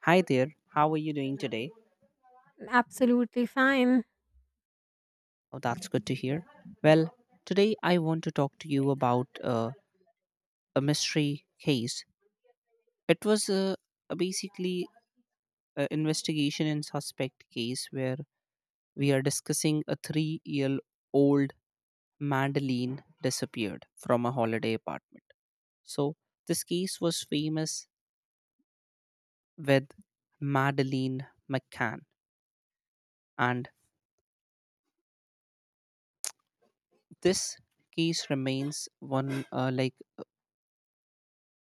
Hi there, how are you doing today? Absolutely fine. Oh, that's good to hear. Well, today I want to talk to you about a mystery case. It was a basically an investigation and suspect case where we are discussing a 3 year old Madeline disappeared from a holiday apartment. So, this case was famous with Madeline McCann, and this case remains one uh, like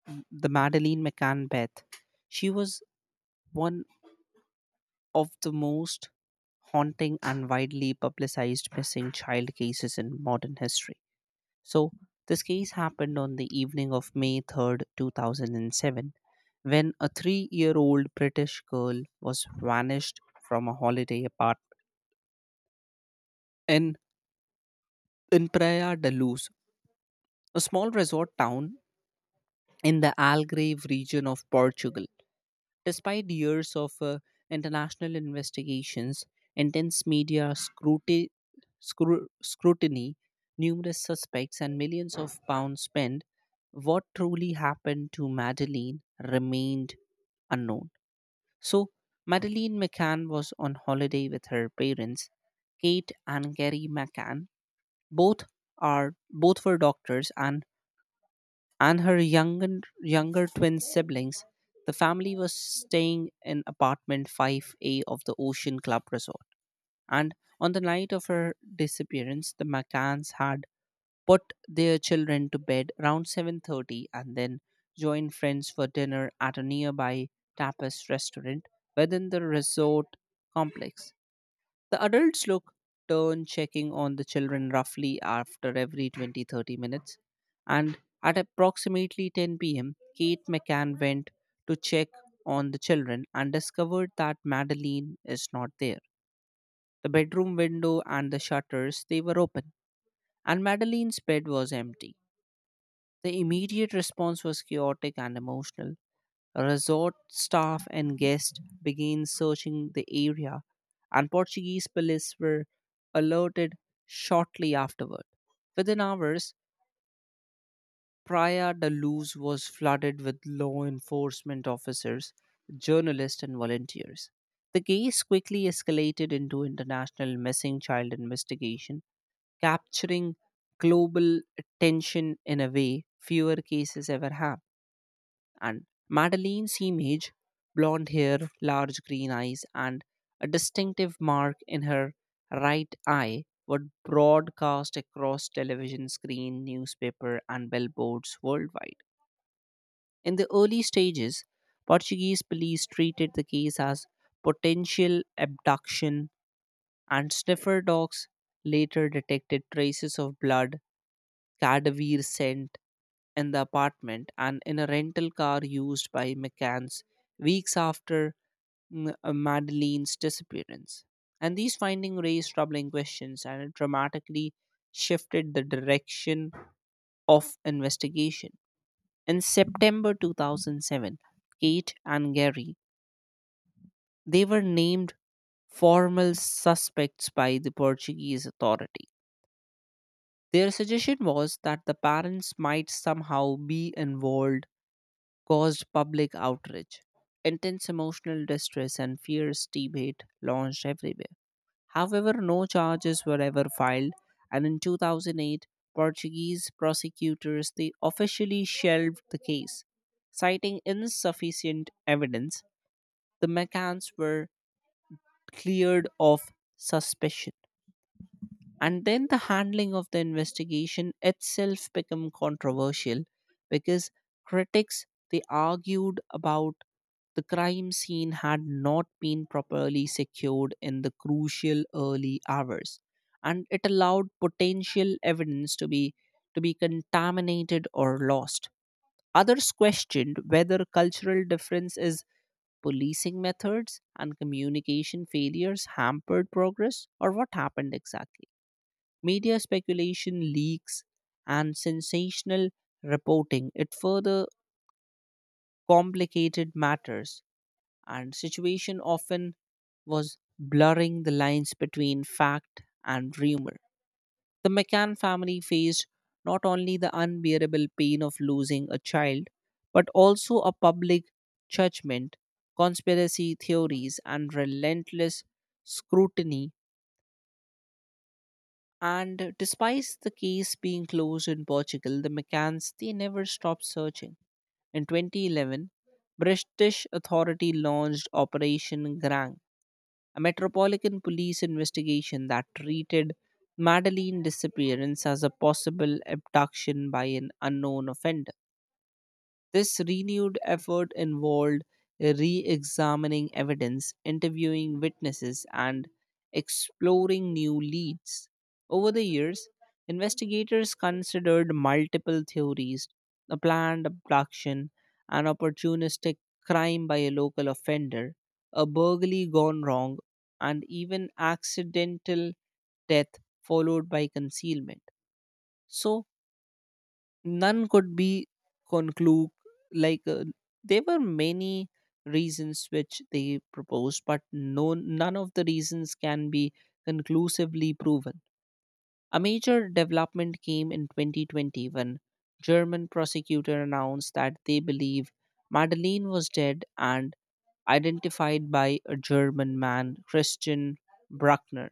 m- the Madeleine McCann Beth. She was one of the most haunting and widely publicized missing child cases in modern history. So, this case happened on the evening of May 3rd, 2007, when a 3 year old British girl was vanished from a holiday apartment in, in Praia da Luz, a small resort town in the Algarve region of Portugal. Despite years of international investigations, intense media scrutiny, numerous suspects, and millions of pounds spent, what truly happened to Madeleine remained unknown. So, Madeleine McCann was on holiday with her parents, Kate and Gary McCann. Both both were doctors and her younger twin siblings, the family was staying in apartment 5A of the Ocean Club Resort. And on the night of her disappearance, the McCanns had put their children to bed around 7:30 and then joined friends for dinner at a nearby tapas restaurant within the resort complex. The adults look turn checking on the children roughly after every 20-30 minutes. And at approximately 10 p.m., Kate McCann went to check on the children and discovered that Madeline is not there. The bedroom window and the shutters they were open, and Madeline's bed was empty. The immediate response was chaotic and emotional. Resort staff and guests began searching the area, and Portuguese police were alerted shortly afterward. Within hours, Praia da Luz was flooded with law enforcement officers, journalists, and volunteers. The case quickly escalated into international missing child investigation, capturing global attention in a way fewer cases ever have. And Madeleine's image, blonde hair, large green eyes, and a distinctive mark in her right eye were broadcast across television screen, newspaper, and billboards worldwide. In the early stages, Portuguese police treated the case as potential abduction, and sniffer dogs later detected traces of blood, cadaver scent in the apartment and in a rental car used by McCann's weeks after Madeleine's disappearance. And these findings raised troubling questions and it dramatically shifted the direction of investigation. In September 2007, Kate and Gary, they were named formal suspects by the Portuguese authority. Their suggestion was that the parents might somehow be involved caused public outrage. Intense emotional distress and fierce debate launched everywhere. However, no charges were ever filed, and in 2008, Portuguese prosecutors they officially shelved the case, citing insufficient evidence. The McCanns were cleared of suspicion, and then the handling of the investigation itself become controversial because critics they argued about the crime scene had not been properly secured in the crucial early hours, and it allowed potential evidence to be contaminated or lost. Others questioned whether cultural difference is policing methods and communication failures hampered progress or what happened exactly. Media speculation, leaks, and sensational reporting it further complicated matters, and situation often was blurring the lines between fact and rumor. The McCann family faced not only the unbearable pain of losing a child, but also a public judgment, conspiracy theories, and relentless scrutiny. And despite the case being closed in Portugal, the McCanns they never stopped searching. In 2011, British authority launched Operation Grang, a metropolitan police investigation that treated Madeleine disappearance as a possible abduction by an unknown offender. This renewed effort involved re examining evidence, interviewing witnesses, and exploring new leads. Over the years, investigators considered multiple theories, a planned abduction, an opportunistic crime by a local offender, a burglary gone wrong, and even accidental death followed by concealment. So, none could be conclude, like there were many reasons which they proposed, but none of the reasons can be conclusively proven. A major development came in 2020 when German prosecutor announced that they believe Madeleine was dead and identified by a German man, Christian Bruckner,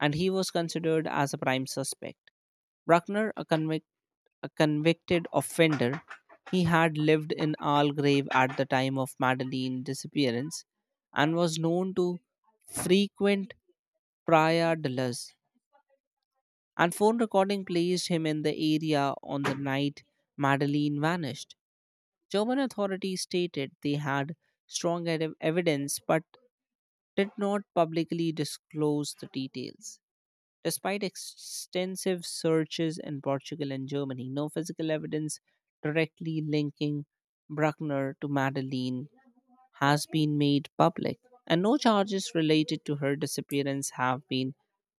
and he was considered as a prime suspect. Bruckner, a convicted offender. He had lived in Algrave at the time of Madeline's disappearance and was known to frequent Praia de Luz. And phone recording placed him in the area on the night Madeline vanished. German authorities stated they had strong evidence but did not publicly disclose the details. Despite extensive searches in Portugal and Germany, no physical evidence directly linking Bruckner to Madeline has been made public, and no charges related to her disappearance have been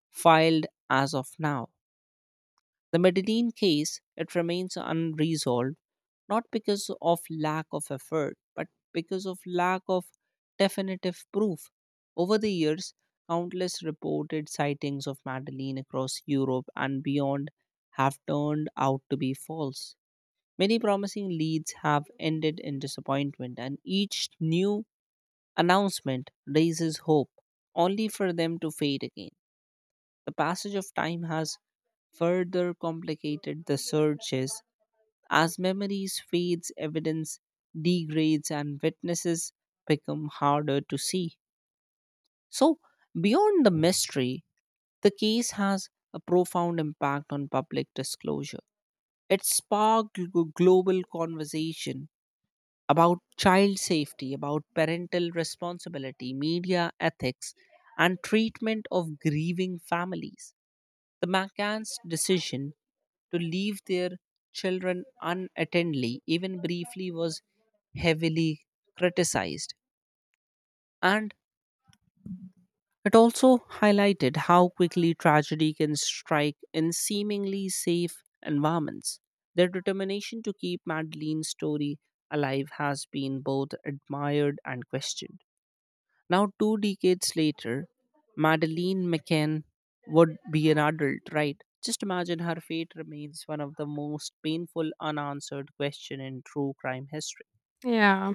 filed as of now. The Medellin case, it remains unresolved not because of lack of effort, but because of lack of definitive proof. Over the years, countless reported sightings of Madeleine across Europe and beyond have turned out to be false. Many promising leads have ended in disappointment, and each new announcement raises hope, only for them to fade again. The passage of time has further complicated the searches as memories fades, evidence degrades, and witnesses become harder to see. So, beyond the mystery, the case has a profound impact on public disclosure. It sparked global conversation about child safety, about parental responsibility, media ethics, and treatment of grieving families. The McCann's decision to leave their children unattendedly, even briefly, was heavily criticized. And it also highlighted how quickly tragedy can strike in seemingly safe environments. Their determination to keep Madeleine's story alive has been both admired and questioned. Now, 2 decades later, Madeleine McCann would be an adult, right? Just imagine her fate remains one of the most painful unanswered question in true crime history. Yeah.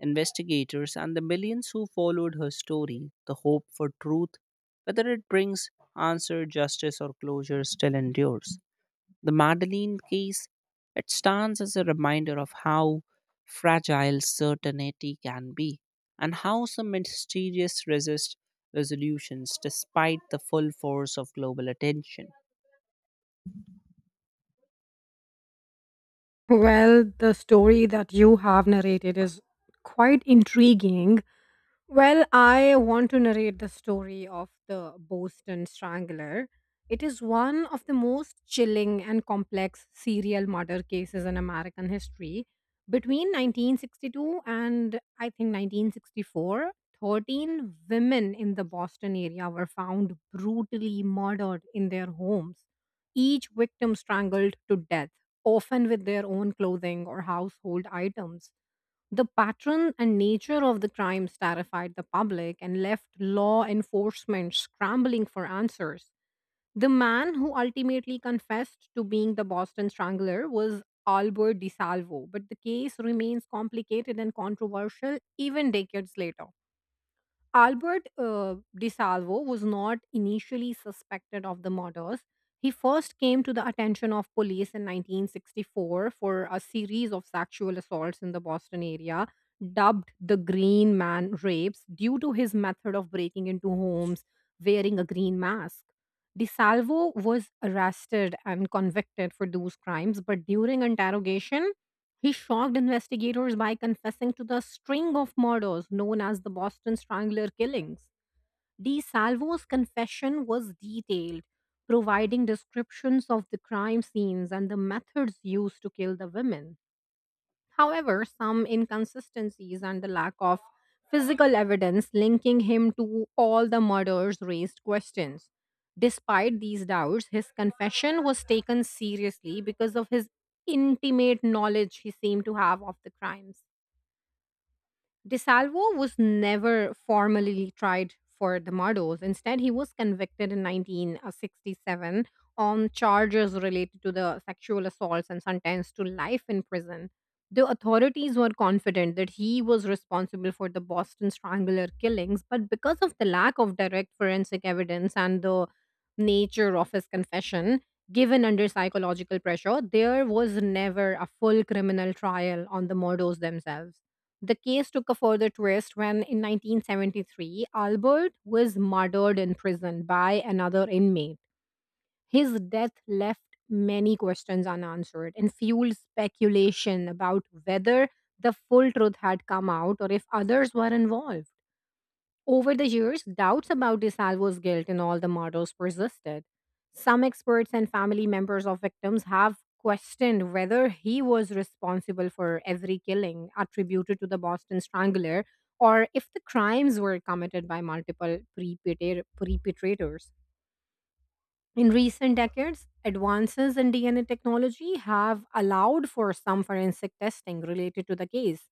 Investigators and the millions who followed her story, the hope for truth, whether it brings answer, justice, or closure, still endures. The Madeleine case, it stands as a reminder of how fragile certainty can be and how some mysterious resist resolutions despite the full force of global attention. Well, the story that you have narrated is quite intriguing. Well, I want to narrate the story of the Boston Strangler. It is one of the most chilling and complex serial murder cases in American history. Between 1962 and I think 1964, 13 women in the Boston area were found brutally murdered in their homes, each victim strangled to death, often with their own clothing or household items. The pattern and nature of the crimes terrified the public and left law enforcement scrambling for answers. The man who ultimately confessed to being the Boston Strangler was Albert DiSalvo, but the case remains complicated and controversial even decades later. Albert DiSalvo was not initially suspected of the murders. He first came to the attention of police in 1964 for a series of sexual assaults in the Boston area, dubbed the Green Man Rapes, due to his method of breaking into homes wearing a green mask. DiSalvo was arrested and convicted for those crimes, but during interrogation, he shocked investigators by confessing to the string of murders known as the Boston Strangler killings. DeSalvo's confession was detailed, providing descriptions of the crime scenes and the methods used to kill the women. However, some inconsistencies and the lack of physical evidence linking him to all the murders raised questions. Despite these doubts, his confession was taken seriously because of his intimate knowledge he seemed to have of the crimes. DeSalvo was never formally tried for the murders. Instead, he was convicted in 1967 on charges related to the sexual assaults and sentenced to life in prison. The authorities were confident that he was responsible for the Boston Strangler killings, but because of the lack of direct forensic evidence and the nature of his confession, given under psychological pressure, there was never a full criminal trial on the murders themselves. The case took a further twist when, in 1973, Albert was murdered in prison by another inmate. His death left many questions unanswered and fueled speculation about whether the full truth had come out or if others were involved. Over the years, doubts about DeSalvo's guilt in all the murders persisted. Some experts and family members of victims have questioned whether he was responsible for every killing attributed to the Boston Strangler or if the crimes were committed by multiple perpetrators. In recent decades, advances in DNA technology have allowed for some forensic testing related to the case.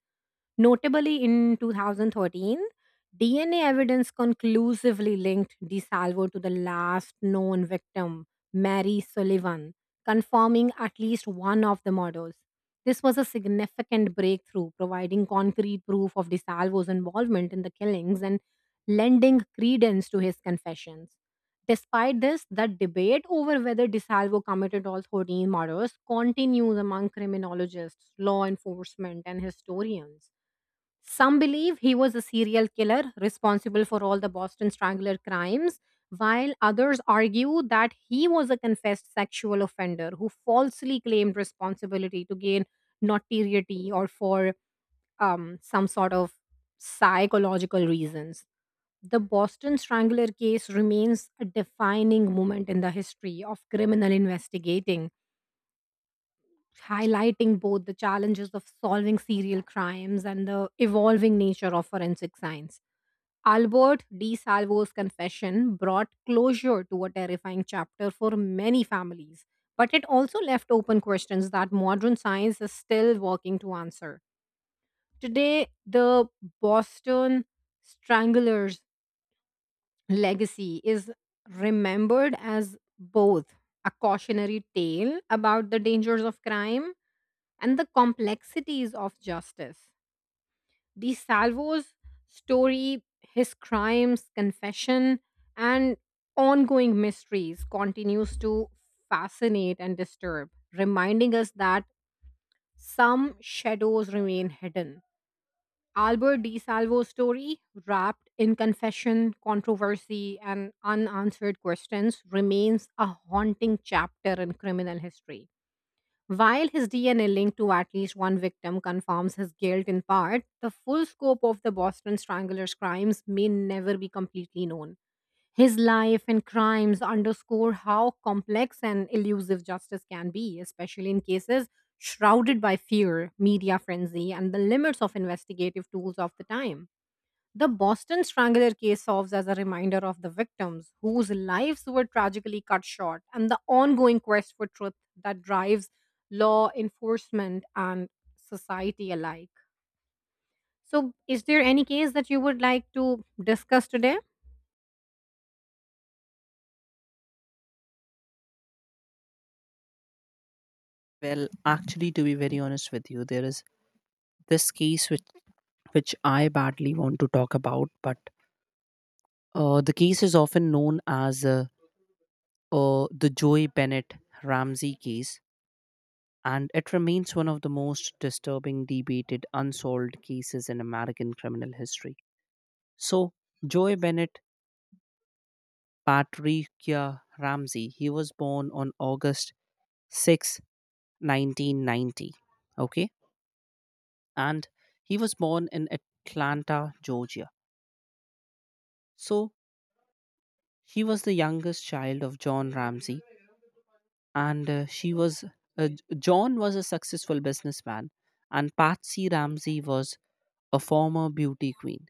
Notably, in 2013, DNA evidence conclusively linked DeSalvo to the last known victim, Mary Sullivan, confirming at least one of the murders. This was a significant breakthrough, providing concrete proof of DeSalvo's involvement in the killings and lending credence to his confessions. Despite this, the debate over whether DeSalvo committed all 13 murders continues among criminologists, law enforcement, and historians. Some believe he was a serial killer responsible for all the Boston Strangler crimes, while others argue that he was a confessed sexual offender who falsely claimed responsibility to gain notoriety or for some sort of psychological reasons. The Boston Strangler case remains a defining moment in the history of criminal investigating, highlighting both the challenges of solving serial crimes and the evolving nature of forensic science. Albert D. Salvo's confession brought closure to a terrifying chapter for many families, but it also left open questions that modern science is still working to answer. Today, the Boston Strangler's legacy is remembered as both a cautionary tale about the dangers of crime and the complexities of justice. The Salvo's story, his crimes, confession, and ongoing mysteries continues to fascinate and disturb, reminding us that some shadows remain hidden. Albert Di Salvo's story, wrapped in confession, controversy, and unanswered questions, remains a haunting chapter in criminal history. While his DNA linked to at least one victim confirms his guilt in part, the full scope of the Boston Strangler's crimes may never be completely known. His life and crimes underscore how complex and elusive justice can be, especially in cases shrouded by fear, media frenzy, and the limits of investigative tools of the time. The Boston Strangler case serves as a reminder of the victims whose lives were tragically cut short and the ongoing quest for truth that drives law enforcement and society alike. So, is there any case that you would like to discuss today? Well, actually, to be very honest with you, there is this case which I badly want to talk about, but the case is often known as the Joy Bennett Ramsey case, and it remains one of the most disturbing, debated, unsolved cases in American criminal history. So, Joy Bennett Patricia Ramsey, he was born on August 6, 1990. Okay. And he was born in Atlanta, Georgia. So, he was the youngest child of John Ramsey, and she was. Uh, John was a successful businessman, and Patsy Ramsey was a former beauty queen.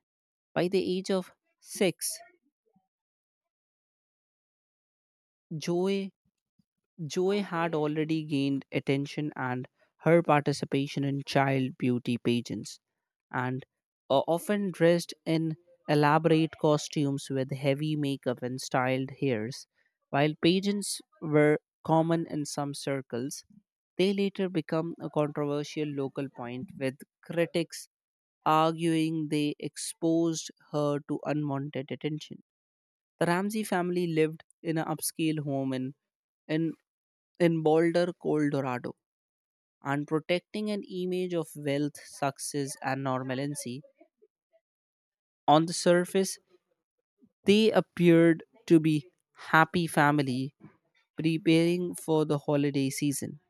By the age of six, Joy Joy had already gained attention and her participation in child beauty pageants, and often dressed in elaborate costumes with heavy makeup and styled hairs. While pageants were common in some circles, they later become a controversial local point with critics arguing they exposed her to unwanted attention. The Ramsey family lived in an upscale home in, in Boulder, Colorado, and protecting an image of wealth, success, and normalcy. On the surface, they appeared to be happy family preparing for the holiday season.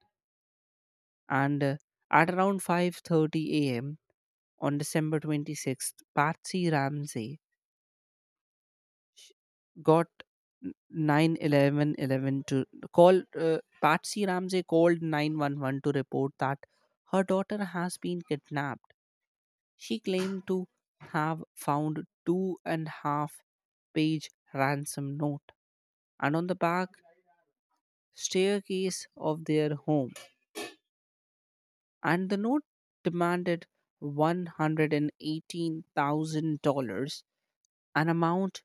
And at around 5:30 a.m. on December 26th, Patsy Ramsey sh- got n- 9 eleven eleven to call patsy ramsey called 911 to report that her daughter has been kidnapped. She claimed to have found two and half page ransom note, and on the back staircase of their home, and the note demanded $118,000, an amount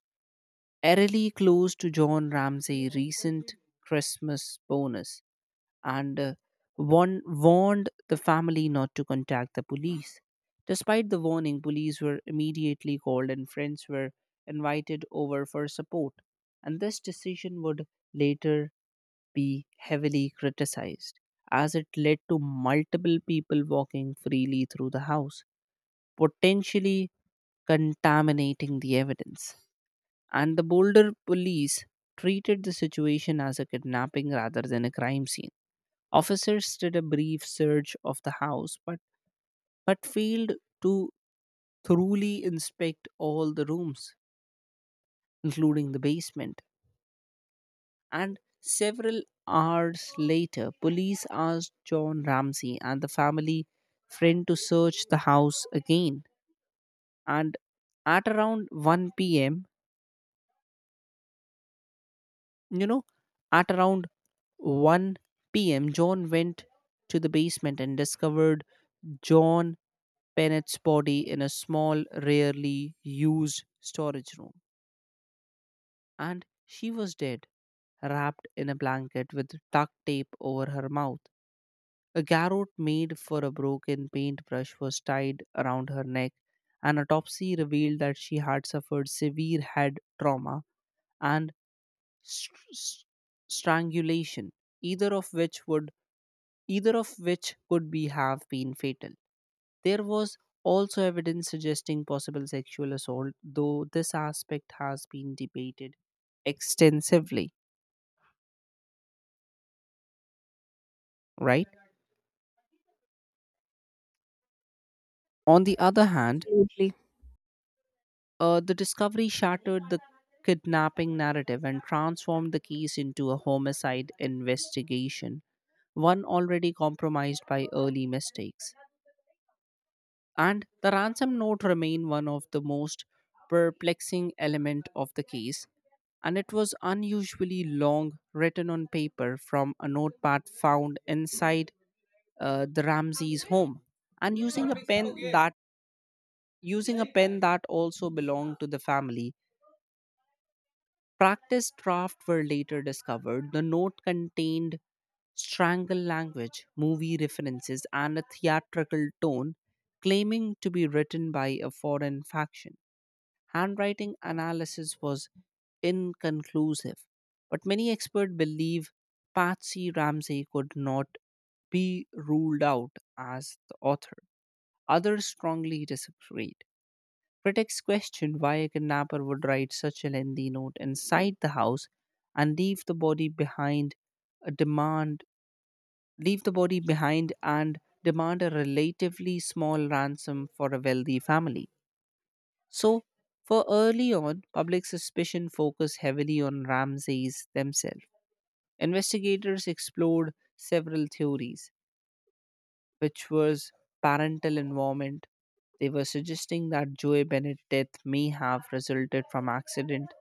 eerily close to John Ramsay's recent Christmas bonus, and warned the family not to contact the police. Despite the warning, police were immediately called and friends were invited over for support. And this decision would later be heavily criticized as it led to multiple people walking freely through the house, potentially contaminating the evidence, and the Boulder police treated the situation as a kidnapping rather than a crime scene. Officers did a brief search of the house but failed to thoroughly inspect all the rooms, including the basement. And several hours later, police asked John Ramsey and the family friend to search the house again. And at around 1 p.m., You know, at around 1 p.m., John went to the basement and discovered John Pennett's body in a small, rarely used storage room. And she was dead, wrapped in a blanket with duct tape over her mouth. A garrote made for a broken paintbrush was tied around her neck. An autopsy revealed that she had suffered severe head trauma and str- str- strangulation, either of which would either of which could be have been fatal. There was also evidence suggesting possible sexual assault, though this aspect has been debated extensively, right? On the other hand, Absolutely. The discovery shattered the kidnapping narrative and transformed the case into a homicide investigation, one already compromised by early mistakes. And the ransom note remained one of the most perplexing element of the case, and it was unusually long, written on paper from a notepad found inside the Ramses home, and using a pen that also belonged to the family. Practice drafts were later discovered. The note contained strangle language, movie references, and a theatrical tone claiming to be written by a foreign faction. Handwriting analysis was inconclusive, but many experts believe Patsy Ramsey could not be ruled out as the author. Others strongly disagreed. Critics questioned why a kidnapper would write such a lengthy note inside the house and a demand leave the body behind and demand a relatively small ransom for a wealthy family. So, for early on, public suspicion focused heavily on Ramses themselves. Investigators explored several theories, which was parental involvement. They were suggesting that Joey Bennett's death may have resulted from accident,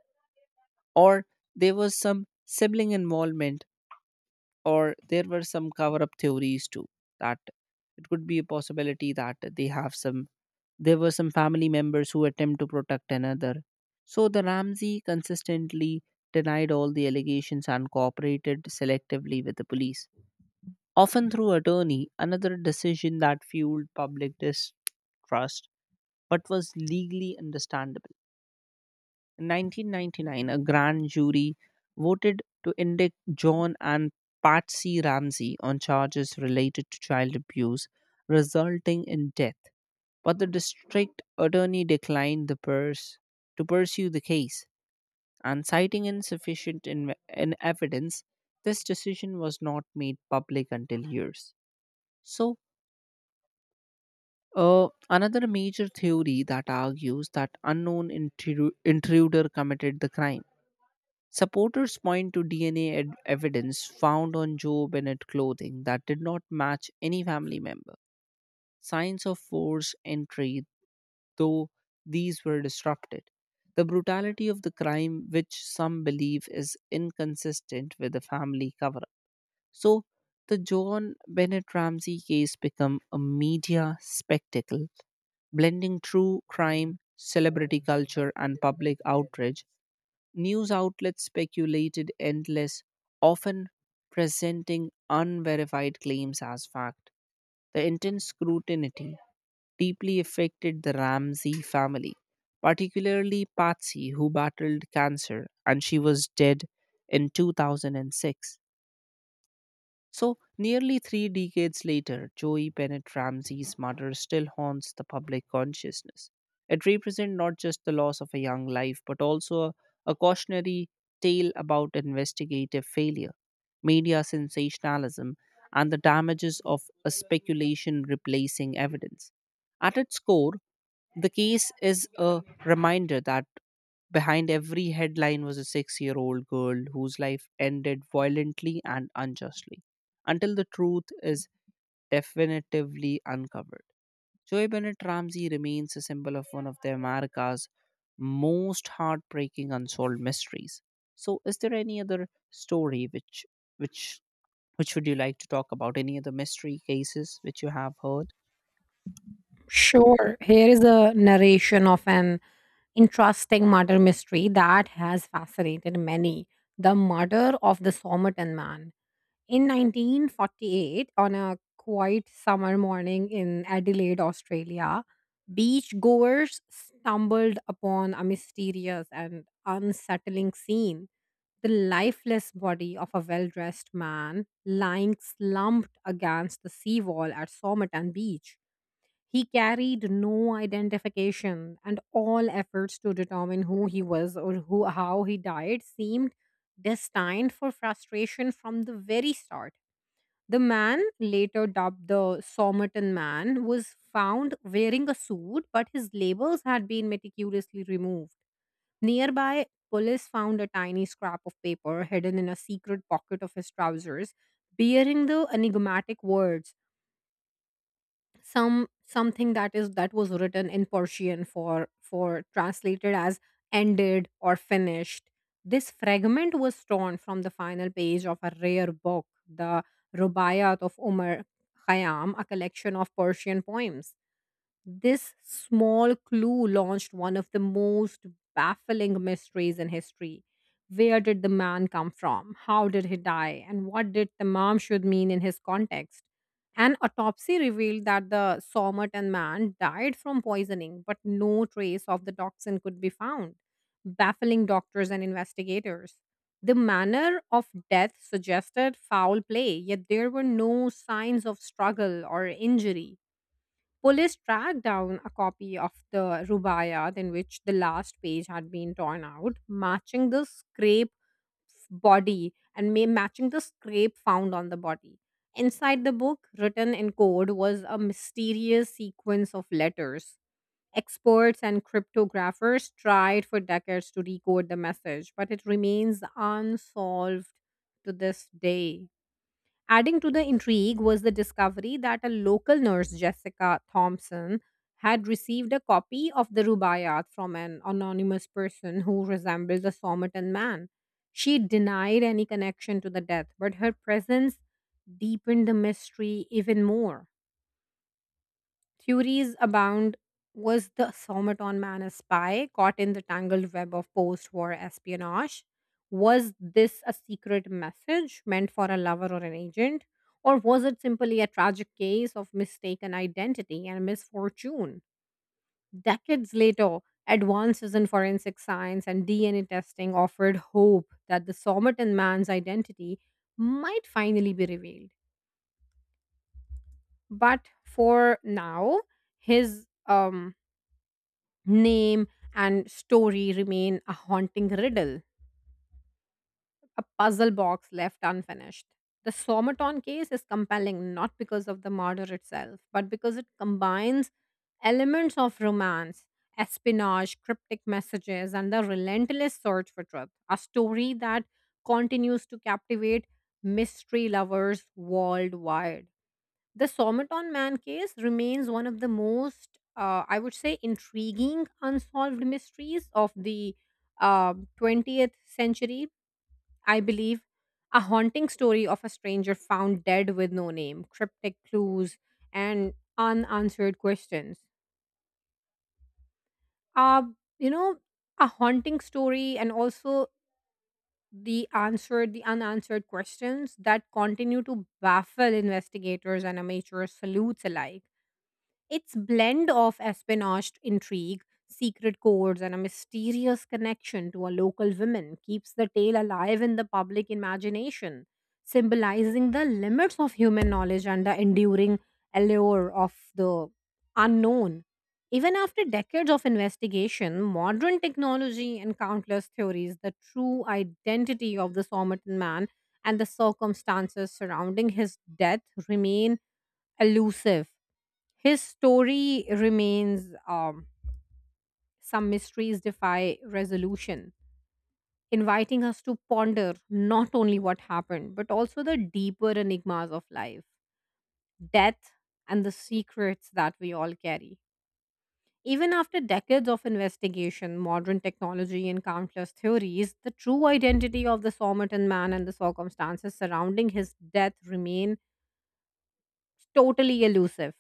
or there was some sibling involvement, or there were some cover-up theories too. That it could be a possibility that they have some. There were some family members who attempt to protect another. So the Ramsey consistently denied all the allegations and cooperated selectively with the police, often through attorney, another decision that fueled public distrust but was legally understandable. In 1999, a grand jury voted to indict John and Patsy Ramsey on charges related to child abuse, resulting in death, but the district attorney declined the purse to pursue the case, and citing insufficient in evidence, this decision was not made public until years. So another major theory that argues that unknown intruder committed the crime, supporters point to DNA evidence found on Joe Bennett clothing that did not match any family member, signs of forced entry, though these were disrupted. The brutality of the crime, which some believe is inconsistent with the family cover up. So, the John Bennett Ramsey case became a media spectacle, blending true crime, celebrity culture, and public outrage. News outlets speculated endless, often presenting unverified claims as fact. The intense scrutiny deeply affected the Ramsey family, particularly Patsy, who battled cancer and she was dead in 2006. So, nearly 3 decades later, Joey Bennett Ramsey's murder still haunts the public consciousness. It represents not just the loss of a young life, but also a cautionary tale about investigative failure, media sensationalism, and the damages of a speculation replacing evidence. At its core, the case is a reminder that behind every headline was a 6 year old girl whose life ended violently and unjustly. Until the truth is definitively uncovered, Joy Bennett Ramsey remains a symbol of one of the America's most heartbreaking unsolved mysteries. So, is there any other story which which would you like to talk about? Any other mystery cases which you have heard? Sure. Here is a narration of an interesting murder mystery that has fascinated many, the murder of the Somerton man. In 1948, on a quiet summer morning in Adelaide, Australia, beachgoers stumbled upon a mysterious and unsettling scene. The lifeless body of a well dressed man lying slumped against the seawall at Somerton Beach. He carried no identification, and all efforts to determine who he was or who, how he died seemed destined for frustration from the very start. The man, later dubbed the Somerton Man, was found wearing a suit, but his labels had been meticulously removed. Nearby, police found a tiny scrap of paper hidden in a secret pocket of his trousers, bearing the enigmatic words some something that is that was written in Persian for translated as ended or finished. This fragment was torn from the final page of a rare book, the Rubaiyat of Umar Khayyam, a collection of Persian poems. This small clue launched one of the most baffling mysteries in history. Where did the man come from? How did he die? And what did the mom should mean in his context? An autopsy revealed that the Somerton man died from poisoning, but no trace of the toxin could be found, baffling doctors and investigators. The manner of death suggested foul play, yet there were no signs of struggle or injury. Police tracked down a copy of the rubaiyat in which the last page had been torn out, matching the scrape body and matching the scrape found on the body. Inside the book, written in code, was a mysterious sequence of letters. Experts and cryptographers tried for decades to decode the message, but it remains unsolved to this day. Adding to the intrigue was the discovery that a local nurse, Jessica Thompson, had received a copy of the Rubaiyat from an anonymous person who resembles a Somerton man. She denied any connection to the death, but her presence deepened the mystery even more. Theories abound. Was the Somaton man a spy caught in the tangled web of post war espionage? Was this a secret message meant for a lover or an agent? Or was it simply a tragic case of mistaken identity and misfortune? Decades later, advances in forensic science and DNA testing offered hope that the Somerton man's identity might finally be revealed. But for now, his name and story remain a haunting riddle, a puzzle box left unfinished. The Somaton case is compelling not because of the murder itself, but because it combines elements of romance, espionage, cryptic messages, and the relentless search for truth. A story that continues to captivate mystery lovers worldwide. The Somaton Man case remains one of the most, I would say, intriguing unsolved mysteries of the uh, 20th century, I believe. A haunting story of a stranger found dead with no name, cryptic clues, and unanswered questions. Uh, you know, a haunting story and also the unanswered questions that continue to baffle investigators and amateur salutes alike. Its blend of espionage intrigue, secret codes, and a mysterious connection to a local woman keeps the tale alive in the public imagination, symbolizing the limits of human knowledge and the enduring allure of the unknown. Even after decades of investigation, modern technology, and countless theories, the true identity of the Somerton man and the circumstances surrounding his death remain elusive. His story remains, some mysteries defy resolution, inviting us to ponder not only what happened, but also the deeper enigmas of life, death, and the secrets that we all carry. Even after decades of investigation, modern technology, and countless theories, the true identity of the Somerton man and the circumstances surrounding his death remain totally elusive.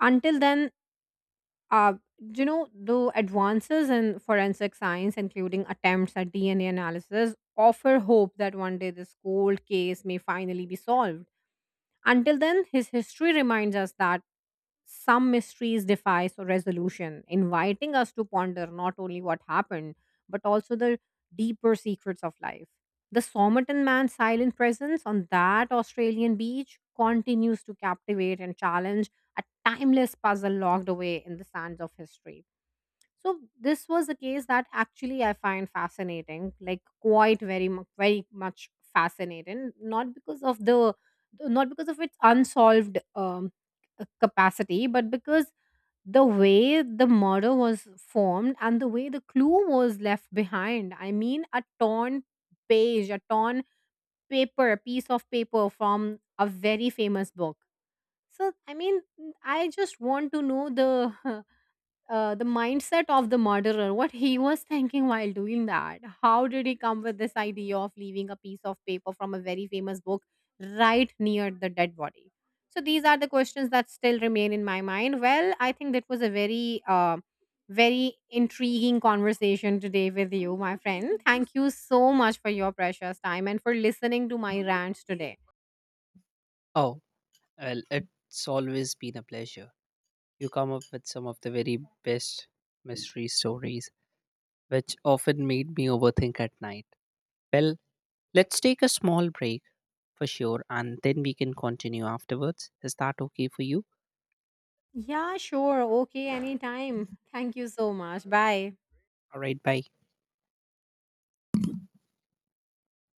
Until then, uh, the advances in forensic science, including attempts at DNA analysis, offer hope that one day this cold case may finally be solved. Until then, his history reminds us that some mysteries defy so resolution, inviting us to ponder not only what happened, but also the deeper secrets of life. The Somerton man's silent presence on that Australian beach continues to captivate and challenge, a timeless puzzle locked away in the sands of history. So this was a case that actually I find fascinating, like quite very much fascinating. Not because of the not because of its unsolved capacity, but because the way the murder was formed and the way the clue was left behind. I mean, a torn page, a torn paper, a piece of paper from a very famous book. So I mean, I just want to know the the mindset of the murderer, what he was thinking while doing that. How did he come with this idea of leaving a piece of paper from a very famous book right near the dead body? So these are the questions that still remain in my mind. Well, I think that was a very, very intriguing conversation today with you, my friend. Thank you so much for your precious time and for listening to my rants today. Oh, well, it's always been a pleasure. You come up with some of the very best mystery stories, which often made me overthink at night. Well, let's take a small break for sure, and then we can continue afterwards. Is that okay for you? Yeah, sure. Okay, anytime. Thank you so much. Bye. All right, bye.